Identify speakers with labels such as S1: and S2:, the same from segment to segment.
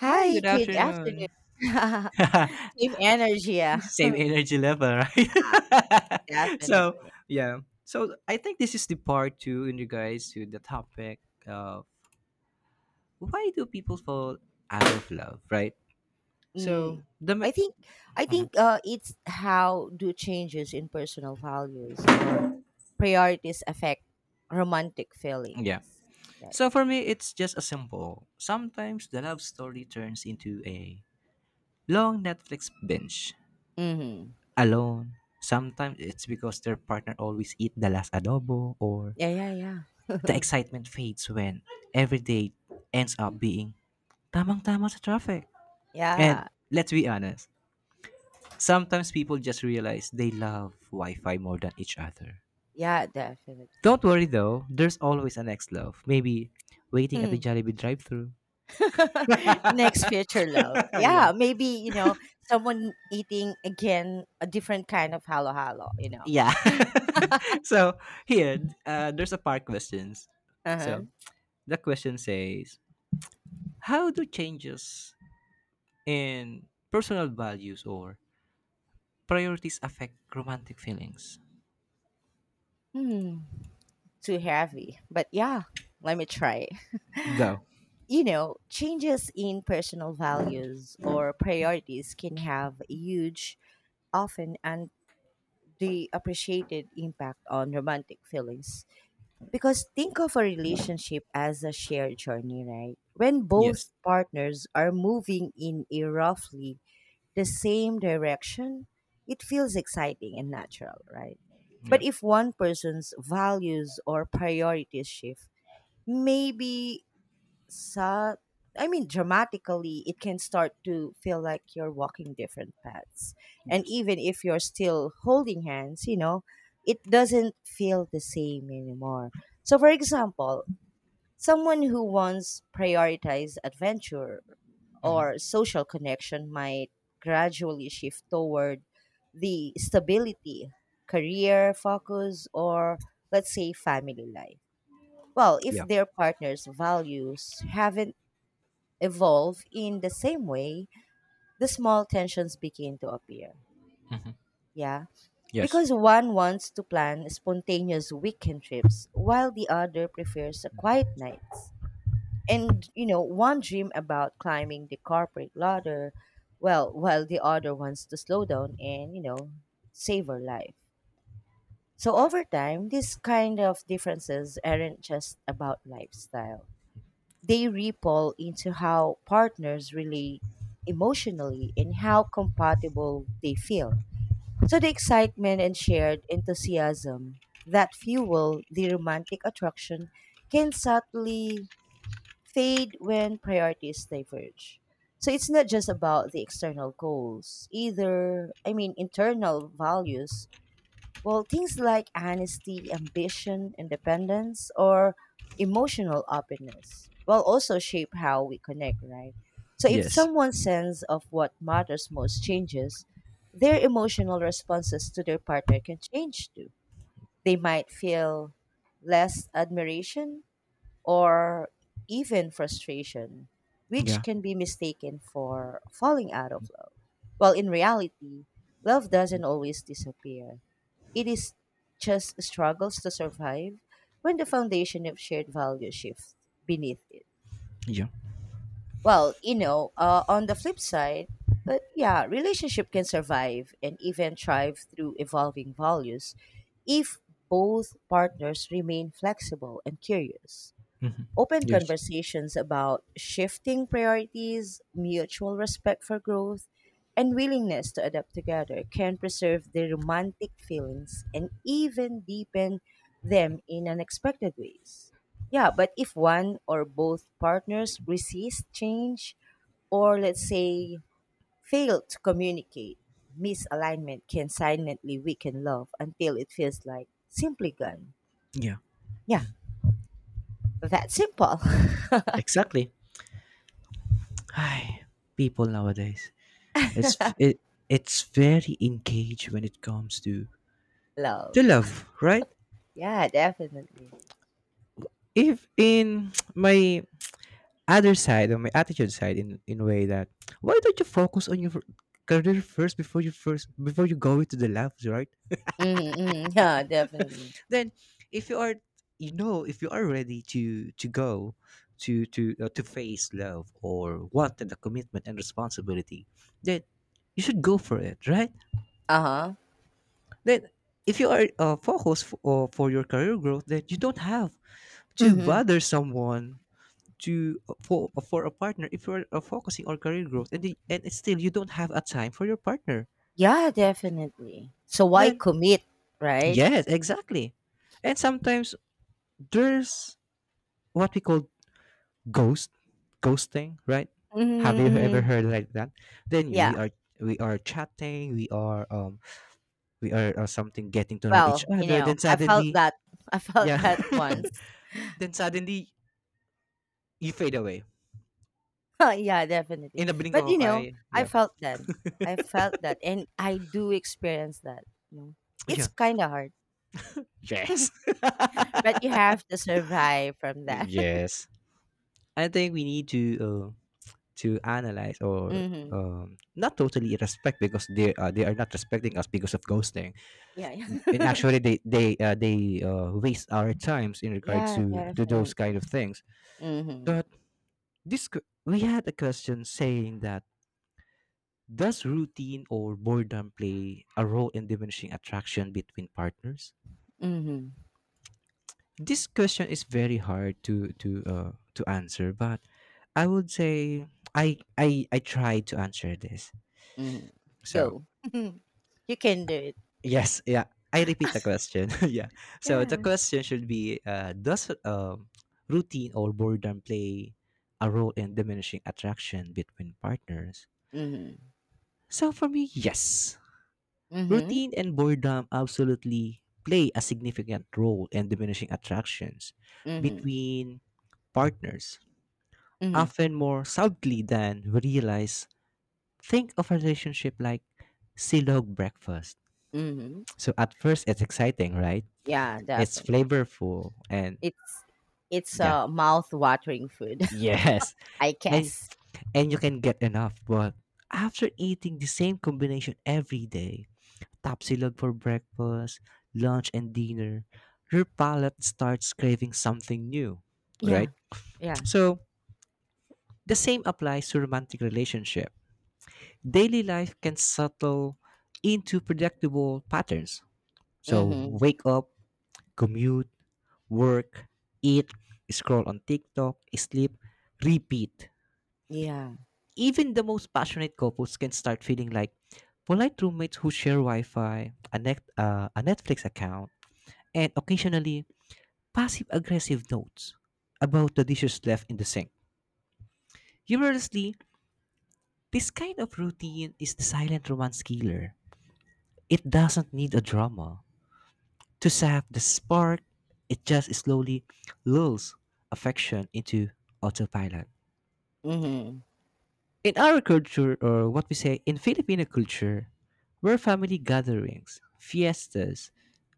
S1: Hi,
S2: Hi,
S1: good
S2: good afternoon.
S1: afternoon.
S2: Same energy, yeah.
S1: Same energy level, right? so
S2: Definitely.
S1: yeah. So I think this is the part two in regards to the topic of why do people fall out of love, right?
S2: Mm,
S1: So the
S2: I
S1: ma-
S2: think I
S1: Mhm,
S2: think uh, it's how do changes in personal values or priorities affect romantic feelings.
S1: yeah.
S2: Yeah,
S1: So for me, it's just a simple. Sometimes the love story turns into a long Netflix binge
S2: yeah. Hmm.
S1: alone. Sometimes it's because their partner always eat the last adobo or
S2: Yeah, yeah,
S1: the
S2: yeah.
S1: excitement fades when every day ends up being tamang-tama sa traffic. And
S2: Yeah,
S1: let's be honest, sometimes people just realize they love Wi-Fi more than each other.
S2: yeah, definitely.
S1: Don't worry though, there's always a next love. Maybe waiting at the
S2: Hmm.
S1: Jollibee drive-through.
S2: Next future love.
S1: yeah.
S2: Yeah, maybe, someone eating again a different kind of halo halo,
S1: yeah. so here, there's a part questions. So
S2: Uh-huh.
S1: the question says, how do changes in personal values or priorities affect romantic feelings.
S2: Hmm. Too heavy. But yeah, let me try.
S1: Go.
S2: You know, changes in personal values or priorities can have a huge, often and the appreciated impact on romantic feelings. Because think of a relationship as a shared journey, right? When
S1: Yes.
S2: both partners are moving in a roughly the same direction, it feels exciting and natural, right?
S1: Yeah.
S2: But if one person's values or priorities shift, maybe sa I mean dramatically, it can start to feel like you're walking different paths. And
S1: Yes.
S2: even if you're still holding hands, it doesn't feel the same anymore. So for example, someone who once prioritized adventure or social connection might gradually shift toward the stability, career focus, or let's say family life. Well, if
S1: Yeah.
S2: their partner's values haven't evolve in the same way, the small tensions begin to appear. Yeah.
S1: Yes.
S2: Because one wants to plan spontaneous weekend trips while the other prefers a quiet nights. And, one dream about climbing the corporate ladder, well, while the other wants to slow down and, savor life. So over time, these kind of differences aren't just about lifestyle. They ripple into how partners relate emotionally and how compatible they feel. So the excitement and shared enthusiasm that fuel the romantic attraction can subtly fade when priorities diverge. So it's not just about the external goals, either, I mean, internal values, well, things like honesty, ambition, independence, or emotional openness will also shape how we connect, right? So, if
S1: Yes.
S2: someone's sense of what matters most changes, their emotional responses to their partner can change too. They might feel less admiration or even frustration, which
S1: Yeah.
S2: can be mistaken for falling out of love. While in reality, love doesn't always disappear. It is just struggles to survive when the foundation of shared values shifts beneath it.
S1: Yeah.
S2: Well, on the flip side, but yeah, relationship can survive and even thrive through evolving values if both partners remain flexible and curious.
S1: Hmm.
S2: Open
S1: Yes.
S2: conversations about shifting priorities, mutual respect for growth, and willingness to adapt together can preserve the romantic feelings and even deepen them in unexpected ways. Yeah, but if one or both partners resist change, or let's say fail to communicate, misalignment can silently weaken love until it feels like simply gone.
S1: Yeah.
S2: Yeah, that simple.
S1: Exactly. Hi, people nowadays. It's f- it, it's very engaged when it comes
S2: Love.
S1: to love, right?
S2: Yeah, definitely.
S1: If in my other side or my attitude side in a way that why don't you focus on your career first before you go into the love, right?
S2: Mm-hmm, mm-hmm. Yeah, definitely.
S1: Then, if you are, you know, if you are ready to go, to face love or wanted the commitment and responsibility, then you should go for it, right?
S2: Uh-huh.
S1: Then, if you are focused for your career growth, then you don't have to
S2: Mm-hmm.
S1: bother someone to for a partner if you're focusing on career growth and the, and still you don't have a time for your partner,
S2: Yeah, definitely. So why
S1: then
S2: commit, right?
S1: yes, exactly. And sometimes there's what we call ghost ghosting, right? Have
S2: Mm-hmm,
S1: you ever
S2: mm-hmm.
S1: heard like that? Then you
S2: Yeah.
S1: we are chatting, we are something getting to know each
S2: Well,
S1: other, then
S2: I felt
S1: suddenly
S2: that. I felt
S1: yeah.
S2: that once.
S1: Then suddenly you fade away
S2: Yeah, definitely.
S1: in the blink
S2: But
S1: of an eye.
S2: I
S1: Yeah.
S2: felt that. I felt that, and I do experience that. You know, it's
S1: Yeah.
S2: kind of hard,
S1: Yes.
S2: but you have to survive from that.
S1: Yes, I think we need to analyze or
S2: Mm-hmm.
S1: not totally respect because they are not respecting us because of ghosting.
S2: Yeah.
S1: And
S2: Yeah.
S1: actually they waste our times in regard
S2: Yeah,
S1: to those
S2: definitely.
S1: kind of things.
S2: Mm-hmm.
S1: But we had a question saying that, does routine or boredom play a role in diminishing attraction between partners?
S2: Mm-hmm.
S1: This question is very hard to to answer, but I would say I try to answer this,
S2: Mhm.
S1: so
S2: Go. You can do it.
S1: yes, yeah. I repeat the question. Yeah. So the
S2: Yeah.
S1: question should be does routine or boredom play a role in diminishing attraction between partners?
S2: Mhm.
S1: So for me, yes.
S2: Mhm.
S1: Routine and boredom absolutely play a significant role in diminishing attractions
S2: Mhm.
S1: between partners,
S2: Mhm.
S1: often more subtly than we realize. Think of a relationship like silog breakfast.
S2: Mhm.
S1: So at first, it's exciting, right?
S2: Yeah,
S1: It's
S2: definitely.
S1: flavorful and
S2: It's it's
S1: yeah.
S2: a mouth-watering food,
S1: Yes.
S2: I
S1: And
S2: guess.
S1: you can get enough, but after eating the same combination every day, tapsilog for breakfast, lunch and dinner, your palate starts craving something new, right?
S2: Yeah. Yeah.
S1: So, the same applies to romantic relationship. Daily life can settle into predictable patterns. So,
S2: Mhm.
S1: wake up, commute, work, eat, scroll on TikTok, sleep, repeat.
S2: Yeah.
S1: Even the most passionate couples can start feeling like polite roommates who share Wi-Fi, a Netflix account, and occasionally passive-aggressive notes about the dishes left in the sink. Humorously, this kind of routine is the silent romance killer. It doesn't need a drama to sap the spark. It just slowly lulls affection into autopilot.
S2: Mhm.
S1: In our culture, or what we say in Filipino culture, where family gatherings, fiestas,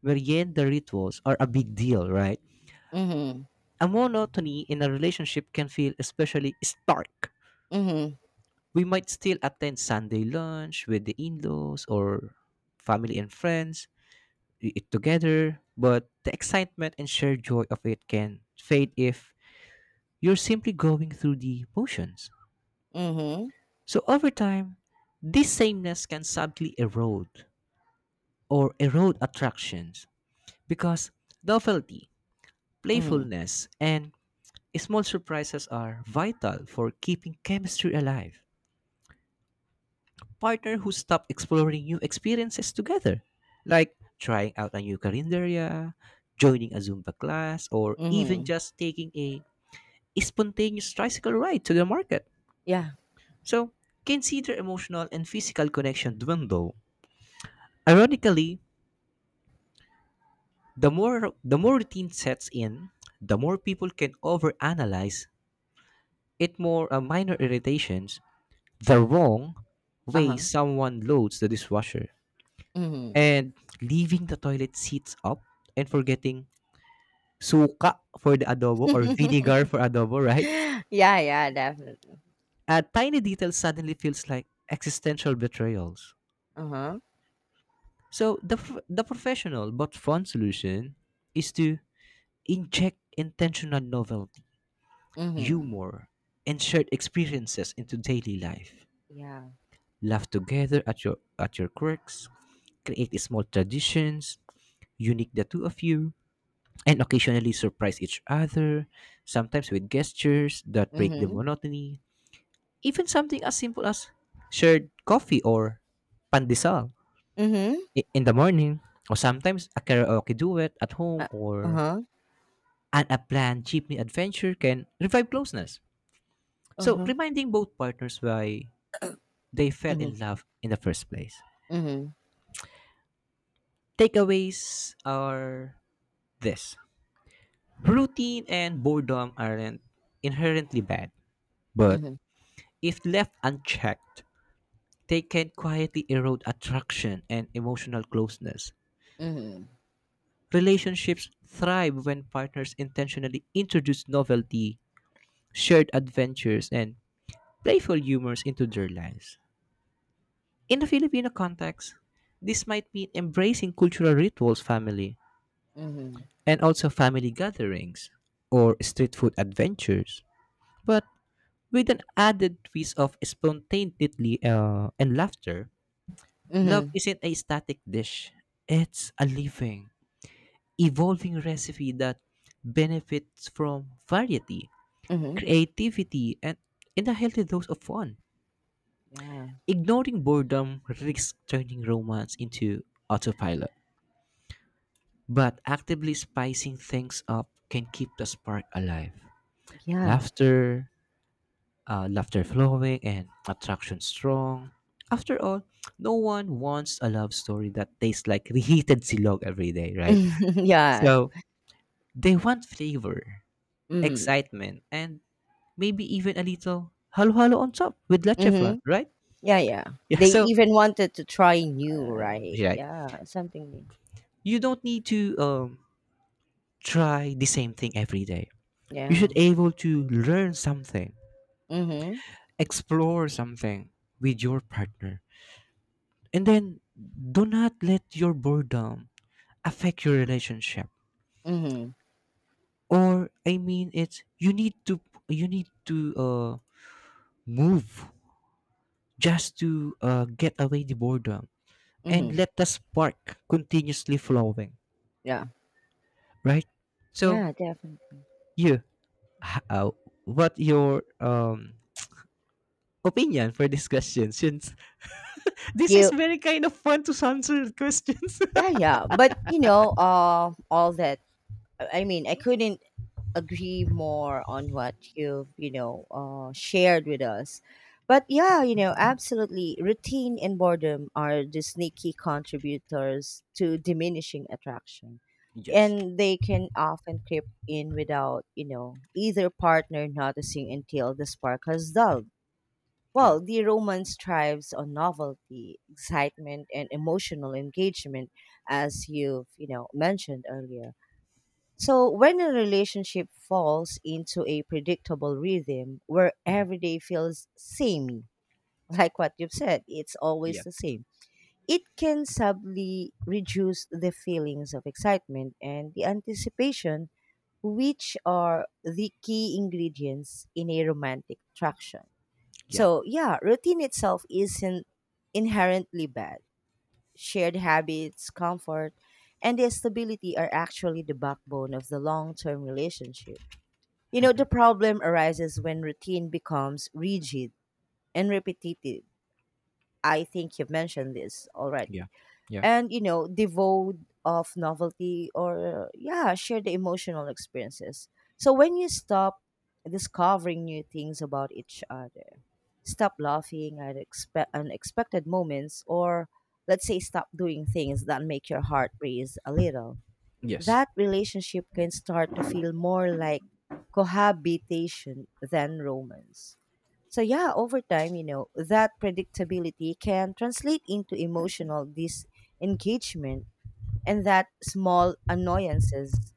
S1: merienda rituals are a big deal, right?
S2: Mhm.
S1: A monotony in a relationship can feel especially stark.
S2: Mhm.
S1: We might still attend Sunday lunch with the in laws or family and friends, we eat together, but the excitement and shared joy of it can fade if you're simply going through the motions.
S2: Mhm.
S1: So over time, this sameness can subtly erode attractions because novelty,
S2: Mhm.
S1: playfulness, and small surprises are vital for keeping chemistry alive. Partner who stop exploring new experiences together, like trying out a new carinderia, joining a Zumba class, or even
S2: Mhm.
S1: just taking a spontaneous tricycle ride to the market.
S2: Yeah.
S1: So, consider emotional and physical connection dwindle. Ironically, the more routine sets in, the more people can overanalyze it, more minor irritations, the wrong way
S2: Uh-huh.
S1: someone loads the dishwasher,
S2: Mhm.
S1: and leaving the toilet seats up and forgetting suka for the adobo or vinegar for adobo, right?
S2: Yeah, yeah, definitely.
S1: A tiny detail suddenly feels like existential betrayals.
S2: Uh-huh.
S1: So the professional but fun solution is to inject intentional novelty,
S2: Mhm.
S1: humor, and shared experiences into daily life.
S2: Yeah.
S1: Laugh together at your quirks, create small traditions, unique the two of you, and occasionally surprise each other, sometimes with gestures that break the
S2: Mhm.
S1: monotony. Even something as simple as shared coffee or pandesal
S2: Mhm.
S1: in the morning, or sometimes a karaoke duet at home
S2: Uh,
S1: or
S2: uh-huh.
S1: an unplanned planned jeepney adventure can revive closeness. So
S2: Uh-huh.
S1: reminding both partners why they fell
S2: Mhm.
S1: in love in the first place.
S2: Mhm.
S1: Takeaways are this: routine and boredom aren't inherently bad, but
S2: Mhm,
S1: if left unchecked, they can quietly erode attraction and emotional closeness.
S2: mhm,
S1: Relationships thrive when partners intentionally introduce novelty, shared adventures, and playful humors into their lives. In the Filipino context, this might mean embracing cultural rituals, family,
S2: mhm,
S1: and also family gatherings or street food adventures, but with an added twist of spontaneity and laughter. Love
S2: mhm,
S1: isn't a static dish. It's a living, evolving recipe that benefits from variety,
S2: mhm.
S1: creativity, and in a healthy dose of fun.
S2: Yeah,
S1: Ignoring boredom risks turning romance into autopilot, but actively spicing things up can keep the spark alive.
S2: yeah,
S1: Laughter, laughter flowing and attraction strong. After all, no one wants a love story that tastes like reheated silog every day, right?
S2: yeah.
S1: So they want flavor,
S2: Mhm,
S1: excitement, and maybe even a little halo-halo on top with leche flan,
S2: mhm.
S1: right?
S2: Yeah, yeah.
S1: Yeah,
S2: They
S1: so
S2: even wanted to try new, right?
S1: right.
S2: Yeah, something new.
S1: You don't need to try the same thing every day. You
S2: Yeah.
S1: should able to learn something,
S2: Mhm,
S1: explore something with your partner. And then do not let your boredom affect your relationship,
S2: mhm,
S1: or I mean it's you need to move just to get away the boredom and
S2: mhm.
S1: let the spark continuously flowing,
S2: Yeah,
S1: right? So
S2: yeah, definitely.
S1: you h- uh, what your opinion for this question, since this is
S2: You,
S1: very kind of fun to answer questions.
S2: yeah, yeah. But all that. I mean, I couldn't agree more on what you've shared with us, but yeah, absolutely routine and boredom are the sneaky contributors to diminishing attraction,
S1: Yes.
S2: and they can often creep in without either partner noticing until the spark has dulled.
S1: Yeah.
S2: Well, the romance thrives on novelty, excitement, and emotional engagement, as you've mentioned earlier. So, when a relationship falls into a predictable rhythm where
S1: Mhm.
S2: every day feels samey, like what you've said, it's always
S1: Yeah.
S2: the same, it can subtly reduce the feelings of excitement and the anticipation, which are the key ingredients in a romantic attraction.
S1: Yeah.
S2: So, yeah, routine itself isn't inherently bad. Shared habits, comfort, and the stability are actually the backbone of the long term relationship.
S1: Hmm.
S2: The problem arises when routine becomes rigid and repetitive. I think you've mentioned this
S1: Yeah.
S2: already.
S1: Yeah.
S2: And, devoid of novelty or, yeah, share the emotional experiences. So when you stop discovering new things about each other, stop laughing at unexpected moments, or let's say stop doing things that make your heart race a little,
S1: Yes.
S2: that relationship can start to feel more like cohabitation than romance. So, yeah, over time, that predictability can translate into emotional disengagement, and that small annoyances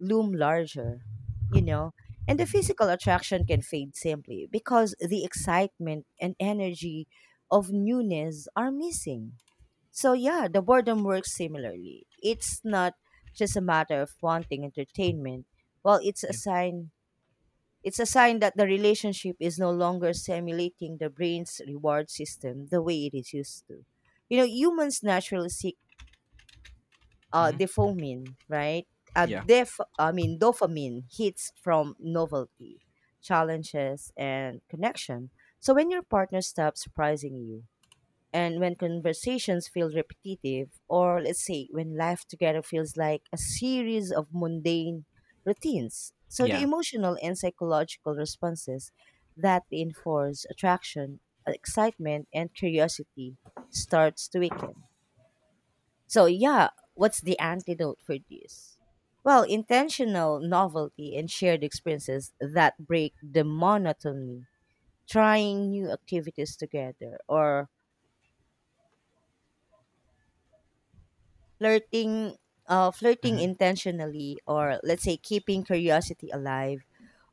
S2: loom larger, you know, and the physical attraction can fade simply because the excitement and energy of newness are missing. So, yeah, the boredom works similarly. It's not just a matter of wanting entertainment. Well, it's a
S1: Yeah.
S2: sign. It's a sign that the relationship is no longer simulating the brain's reward system the way it is used to. Humans naturally seek
S1: Hmm.
S2: dopamine, right?
S1: Yeah.
S2: I mean, dopamine hits from novelty, challenges, and connection. So when your partner stops surprising you, and when conversations feel repetitive, or let's say when life together feels like a series of mundane routines, so the
S1: Yeah.
S2: emotional and psychological responses that reinforce attraction, excitement, and curiosity starts to weaken. So, yeah, what's the antidote for this? Well, intentional novelty and shared experiences that break the monotony, trying new activities together or flirting flirting
S1: Hmm.
S2: intentionally, or let's say keeping curiosity alive,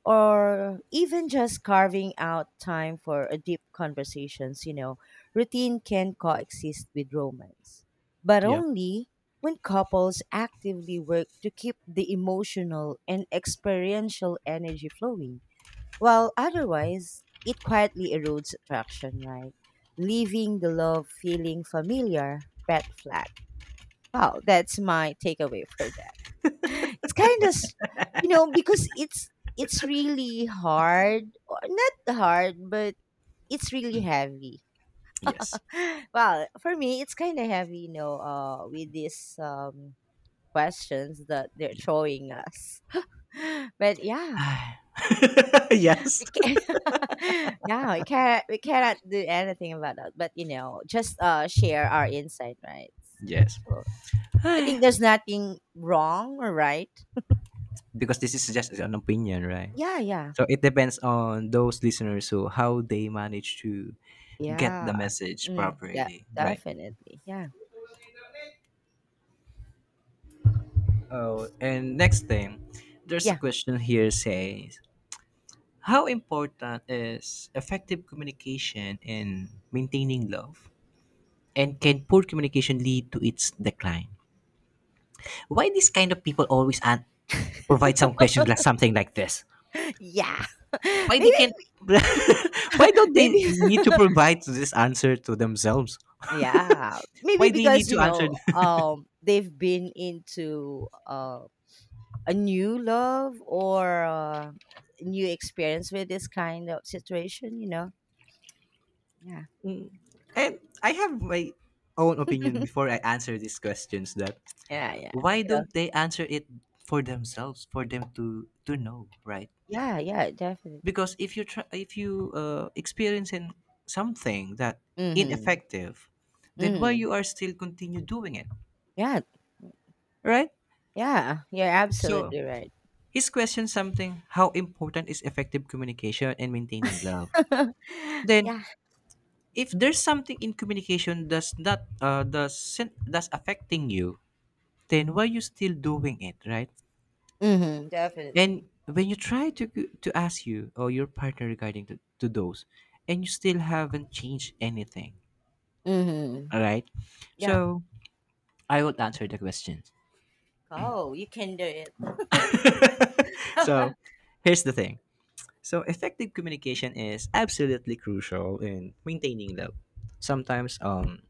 S2: or even just carving out time for a deep conversations, routine can coexist with romance, but
S1: Yeah.
S2: only when couples actively work to keep the emotional and experiential energy flowing, while otherwise it quietly erodes attraction, right, leaving the love feeling familiar but flat. Wow, that's my takeaway for that. It's kind of, because it's really hard, or not hard, but it's really heavy.
S1: Yes.
S2: Well, for me, it's kind of heavy, with these questions that they're
S1: Yeah.
S2: throwing us. But yeah,
S1: Yes.
S2: we can, yeah, we cannot do anything about that. But just share our insight, right?
S1: Yes.
S2: So I think there's nothing wrong or right.
S1: Because this is just an opinion, right?
S2: Yeah, yeah.
S1: So it depends on those listeners who how they manage to get the
S2: Yeah.
S1: message
S2: Mm, de
S1: properly, right?
S2: Definitely. Yeah.
S1: Oh, and next thing, there's a
S2: Yeah.
S1: question here says, how important is effective communication in maintaining love? And can poor communication lead to its decline? Why these kind of people always provide some questions like something like this?
S2: Yeah.
S1: Why they can't?
S2: Maybe
S1: Why don't they
S2: maybe
S1: need to provide this answer to themselves?
S2: Yeah. Maybe
S1: Why they need
S2: because,
S1: to answer?
S2: they've been into a new love or new experience with this kind of situation, you know? Yeah.
S1: Mm. And I have my own opinion before I answer these questions. That
S2: Yeah, yeah.
S1: why
S2: Yeah.
S1: don't they answer it for themselves? For them to know, right?
S2: Yeah, yeah, definitely.
S1: Because if you try, if you experience in something that
S2: Mm-hmm.
S1: ineffective, then why
S2: Mm-hmm.
S1: you are still continue doing it,
S2: Yeah.
S1: right?
S2: Yeah. You're
S1: So
S2: absolutely right.
S1: he's questioned something how important is effective communication and maintaining love. Then,
S2: Yeah.
S1: if there's something in communication that's not doesn't that's affecting you, then why you still doing it, right?
S2: Mm-hmm.
S1: And
S2: Definitely.
S1: when you try to ask you or your partner regarding to those, and you still haven't changed anything,
S2: Mm-hmm.
S1: all right?
S2: Yeah.
S1: So I will answer the question.
S2: Go, you can do it.
S1: So here's the thing. So, effective communication is absolutely crucial in maintaining love. Sometimes,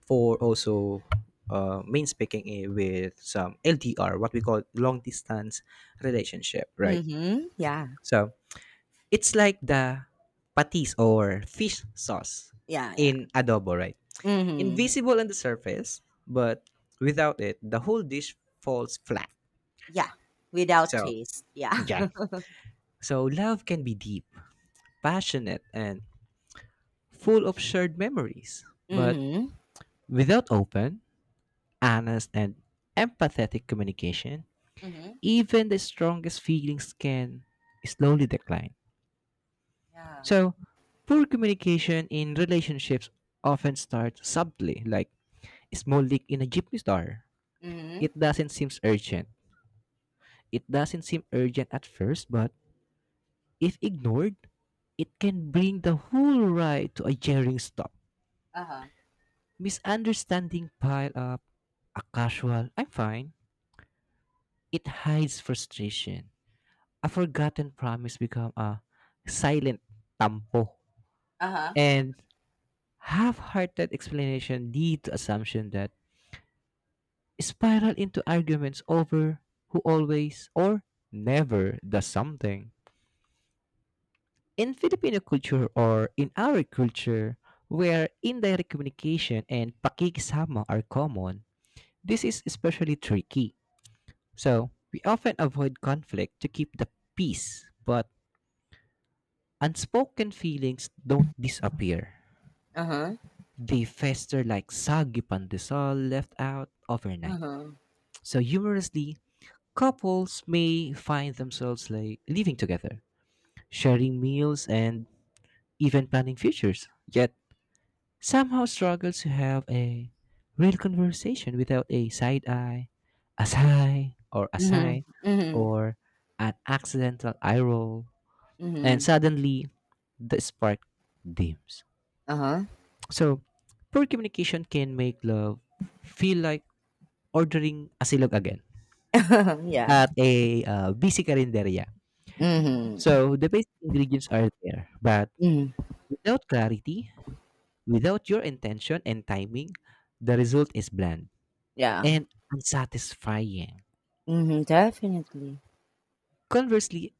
S1: for also main speaking eh, with some LDR, what we call long distance relationship, right?
S2: Mhm. Yeah.
S1: So, it's like the patis or fish sauce
S2: Yeah, yeah.
S1: in adobo, right?
S2: Mhm.
S1: Invisible on the surface, but without it, the whole dish falls flat.
S2: Yeah. Without
S1: So,
S2: taste. Yeah.
S1: yeah. So, love can be deep, passionate, and full of shared memories. But
S2: Mhm.
S1: without open, honest, and empathetic communication,
S2: Mhm.
S1: even the strongest feelings can slowly decline.
S2: Yeah.
S1: So, poor communication in relationships often starts subtly, like a small leak in a jeepney star.
S2: Mhm.
S1: It doesn't seem urgent. It doesn't seem urgent at first, but if ignored, it can bring the whole ride to a jarring stop.
S2: Uh-huh.
S1: Misunderstanding pile up, a casual "I'm fine" it hides frustration. A forgotten promise become a silent tampo.
S2: Uh-huh.
S1: And half-hearted explanation lead to assumption that spiral into arguments over who always or never does something. In Filipino culture or in our culture, where indirect communication and pakikisama are common, this is especially tricky. So, we often avoid conflict to keep the peace, but unspoken feelings don't disappear.
S2: Uh-huh.
S1: They fester like soggy pandesal left out overnight.
S2: Uh-huh.
S1: So humorously, couples may find themselves like living together, sharing meals and even planning futures, yet somehow struggle to have a real conversation without a side eye, a sigh
S2: Mhm. Mhm.
S1: or an accidental eye roll. And
S2: Mhm.
S1: suddenly the spark dims.
S2: Uh-huh.
S1: So, poor communication can make love feel like ordering asilog again
S2: Yeah.
S1: at a busy karinderya.
S2: Mhm.
S1: So, the basic ingredients are there, but
S2: Mhm.
S1: without clarity, without your intention and timing, the result is bland
S2: Yeah.
S1: and unsatisfying.
S2: Mhm. Definitely.
S1: Conversely,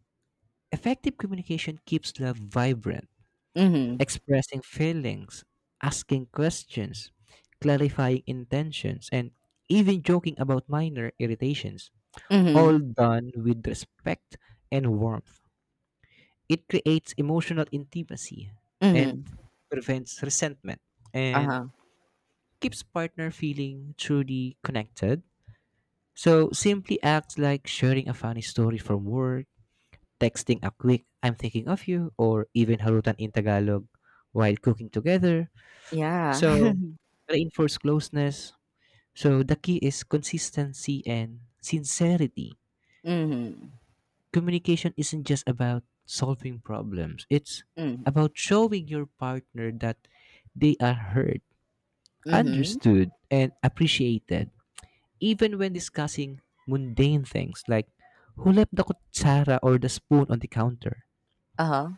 S1: effective communication keeps love vibrant,
S2: Mhm.
S1: expressing feelings, asking questions, clarifying intentions, and even joking about minor irritations,
S2: Mhm.
S1: all done with respect and warmth. It creates emotional intimacy and
S2: Mhm.
S1: prevents resentment and
S2: Uh-huh.
S1: keeps partner feeling truly connected. So simply acts like sharing a funny story from work, texting a quick "I'm thinking of you," or even harutan in Tagalog while cooking together,
S2: Yeah.
S1: so reinforce closeness. So the key is consistency and sincerity.
S2: Mhm.
S1: Communication isn't just about solving problems, it's
S2: Mhm.
S1: about showing your partner that they are heard,
S2: Mhm.
S1: understood, and appreciated, even when discussing mundane things like who left the kutsara or the spoon on the counter.
S2: Uh-huh.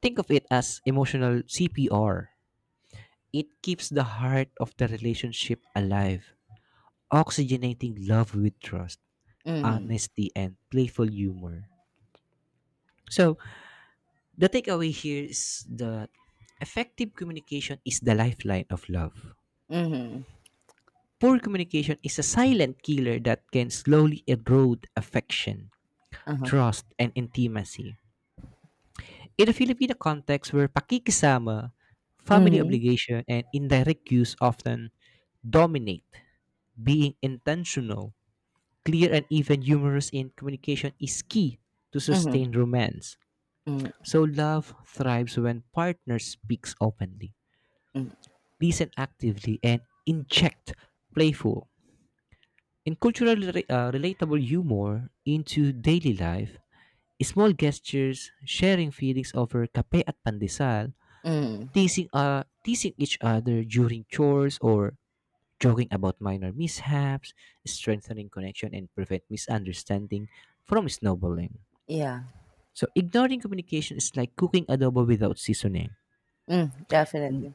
S1: Think of it as emotional CPR. It keeps the heart of the relationship alive, oxygenating love with trust,
S2: Mhm.
S1: honesty, and playful humor. So, the takeaway here is that effective communication is the lifeline of love.
S2: Mhm.
S1: Poor communication is a silent killer that can slowly erode affection,
S2: Uh-huh.
S1: trust, and intimacy. In a Filipino context where pakikisama, family
S2: Mhm.
S1: obligation, and indirect use often dominate, being intentional, clear, and even humorous in communication is key to sustain
S2: Mhm.
S1: romance. So love thrives when partners speaks openly,
S2: Mhm.
S1: listen actively, and inject playful and relatable humor into daily life. Small gestures, sharing feelings over kape at pandesal,
S2: Mm,
S1: teasing each other during chores or joking about minor mishaps, strengthening connection and prevent misunderstanding from snowballing.
S2: yeah.
S1: So ignoring communication is like cooking adobo without seasoning.
S2: Mm, definitely.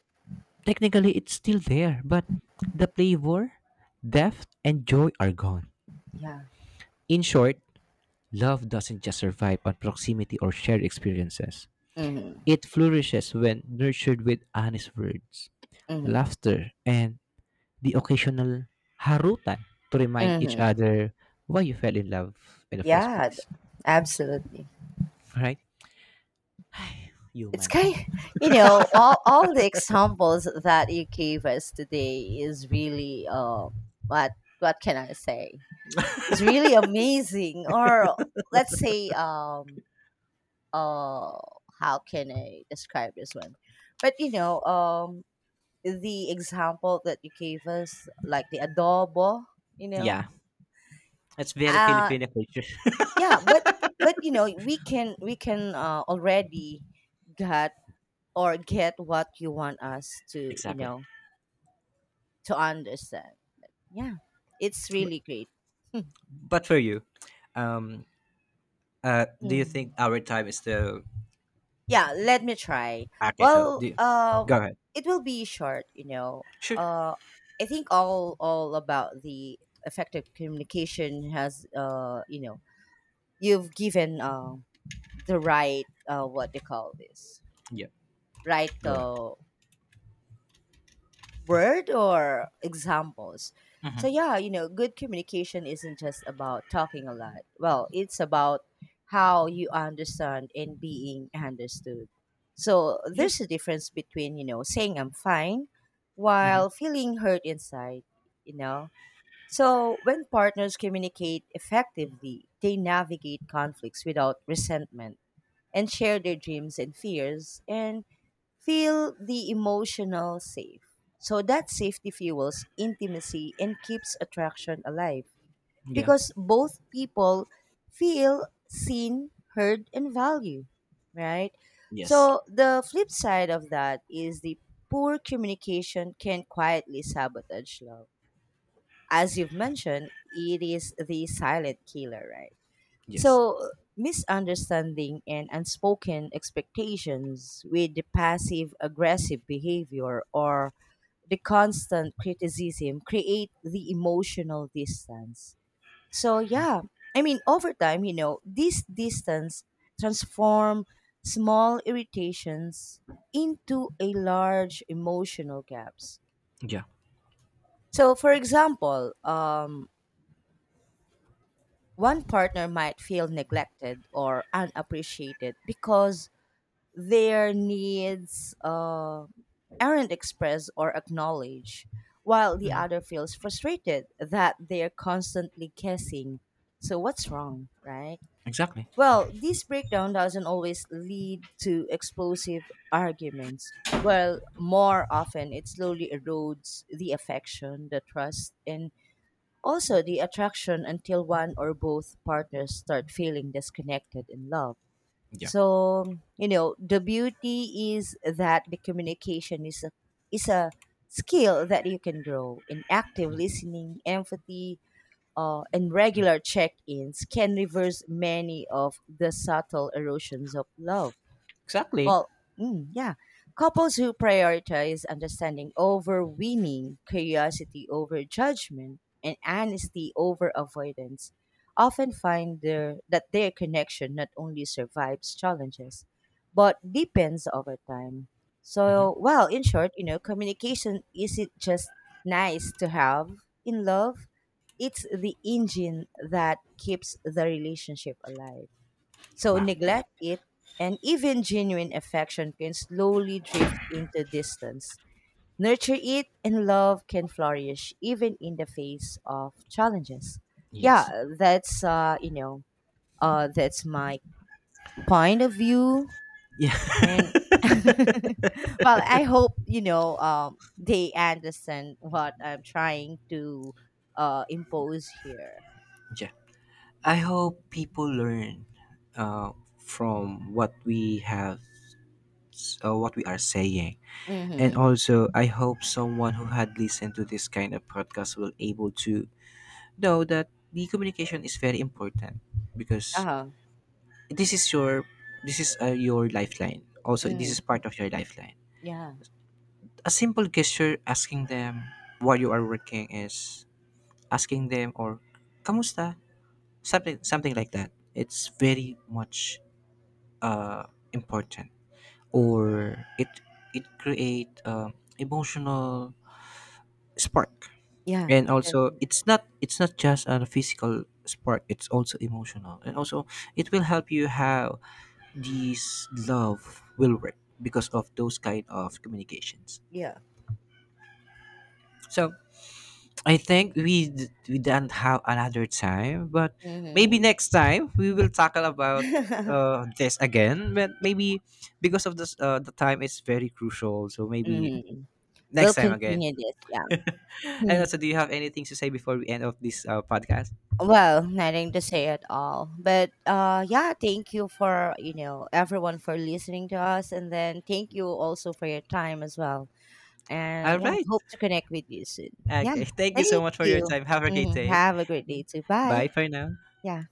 S1: Technically it's still there, but the flavor, depth, and joy are gone.
S2: Yeah.
S1: In short, love doesn't just survive on proximity or shared experiences.
S2: Mhm.
S1: It flourishes when nurtured with honest words,
S2: Mhm.
S1: laughter, and the occasional harutan to remind each
S2: Mhm.
S1: other why you fell in love in the first
S2: Yeah, d-
S1: place.
S2: Absolutely.
S1: Right?
S2: It's
S1: Human.
S2: kind all the examples that you gave us today is really what what can I say? It's really amazing or let's say uh how can I describe this one? But the example that you gave us, like the adobo, you know,
S1: Yeah. It's very
S2: uh,
S1: Filipino culture.
S2: yeah, but we can already get or get what you want us to,
S1: Exactly.
S2: to understand, yeah, it's really great.
S1: But for you, um, do you think
S2: Mm.
S1: our time is still…
S2: Yeah, let me try.
S1: Okay,
S2: well um
S1: go ahead.
S2: it will be short, you know.
S1: Sure.
S2: uh I think all about the effective communication has you've given the right what they call this
S1: Yeah.
S2: right
S1: Go ahead.
S2: word or examples.
S1: Mm-hmm.
S2: So yeah, good communication isn't just about talking a lot. Well, it's about how you understand and being understood. So
S1: Yeah.
S2: there's a difference between, saying I'm fine
S1: Mm-hmm.
S2: while feeling hurt inside, you know. So when partners communicate effectively, they navigate conflicts without resentment and share their dreams and fears and feel the emotional safe. So that safety fuels intimacy and keeps attraction alive
S1: Yeah.
S2: because both people feel seen, heard, and valued, right?
S1: Yes.
S2: So the flip side of that is the poor communication can quietly sabotage love. As you've mentioned, it is the silent killer, right?
S1: Yes.
S2: So, misunderstanding and unspoken expectations with the passive aggressive behavior or the constant criticism create the emotional distance. So, yeah, I mean, over time, this distance transform small irritations into a large emotional gaps.
S1: Yeah.
S2: So, for example, one partner might feel neglected or unappreciated because their needs aren't expressed or acknowledged, while the other feels frustrated that they're constantly guessing. So, what's wrong, right?
S1: Exactly.
S2: Well, this breakdown doesn't always lead to explosive arguments. Well, more often, it slowly erodes the affection, the trust, and also the attraction until one or both partners start feeling disconnected in love.
S1: Yeah.
S2: So the beauty is that the communication is a skill that you can grow. In active listening, empathy, and regular check-ins can reverse many of the subtle erosions of love.
S1: Exactly.
S2: Well, mm, yeah. Couples who prioritize understanding over winning, curiosity over judgment, and honesty over avoidance often find that their connection not only survives challenges, but deepens over time. So, well, in short, communication isn't just nice to have in love, it's the engine that keeps the relationship alive. So
S1: Wow.
S2: neglect it, and even genuine affection can slowly drift into distance. Nurture it, and love can flourish even in the face of challenges.
S1: Yes.
S2: Yeah, that's that's my point of view,
S1: Yeah.
S2: and well, I hope they understand what I'm trying to impose here.
S1: Yeah. I hope people learn uh, from what we have, what we are saying, and
S2: Mm-hmm.
S1: also I hope someone who had listened to this kind of podcast will able to know that the communication is very important,
S2: Uh
S1: because
S2: huh.
S1: this is your this is your lifeline. Also this is
S2: Mm-hmm.
S1: part of your lifeline.
S2: Yeah.
S1: A simple gesture, asking them while you are working, is asking them or kamusta, something something like that. It's very much uh, important, or it create emotional spark.
S2: Yeah.
S1: And also
S2: Definitely.
S1: it's not just a physical spark, it's also emotional. And also it will help you have, these love will work because of those kind of communications.
S2: Yeah.
S1: So I we don't have another time, but maybe
S2: Mm-hmm.
S1: next time we will tackle about this again. But maybe because of this, the time is very crucial, so maybe
S2: Mhm. We'll
S1: next time again.
S2: continue this, yeah.
S1: And
S2: Hmm.
S1: also, do you have anything to say before we end of this podcast?
S2: Well, nothing to say at all. But yeah, thank you for, everyone for listening to us, and then thank you also for your time as well. And
S1: All
S2: yeah,
S1: right,
S2: hope to connect with you soon. Yeah.
S1: okay, thank you so
S2: Thank
S1: much for your
S2: you.
S1: time, have a great
S2: Hmm.
S1: day.
S2: Have a great day too.
S1: Bye
S2: Bye.
S1: for now.
S2: Yeah.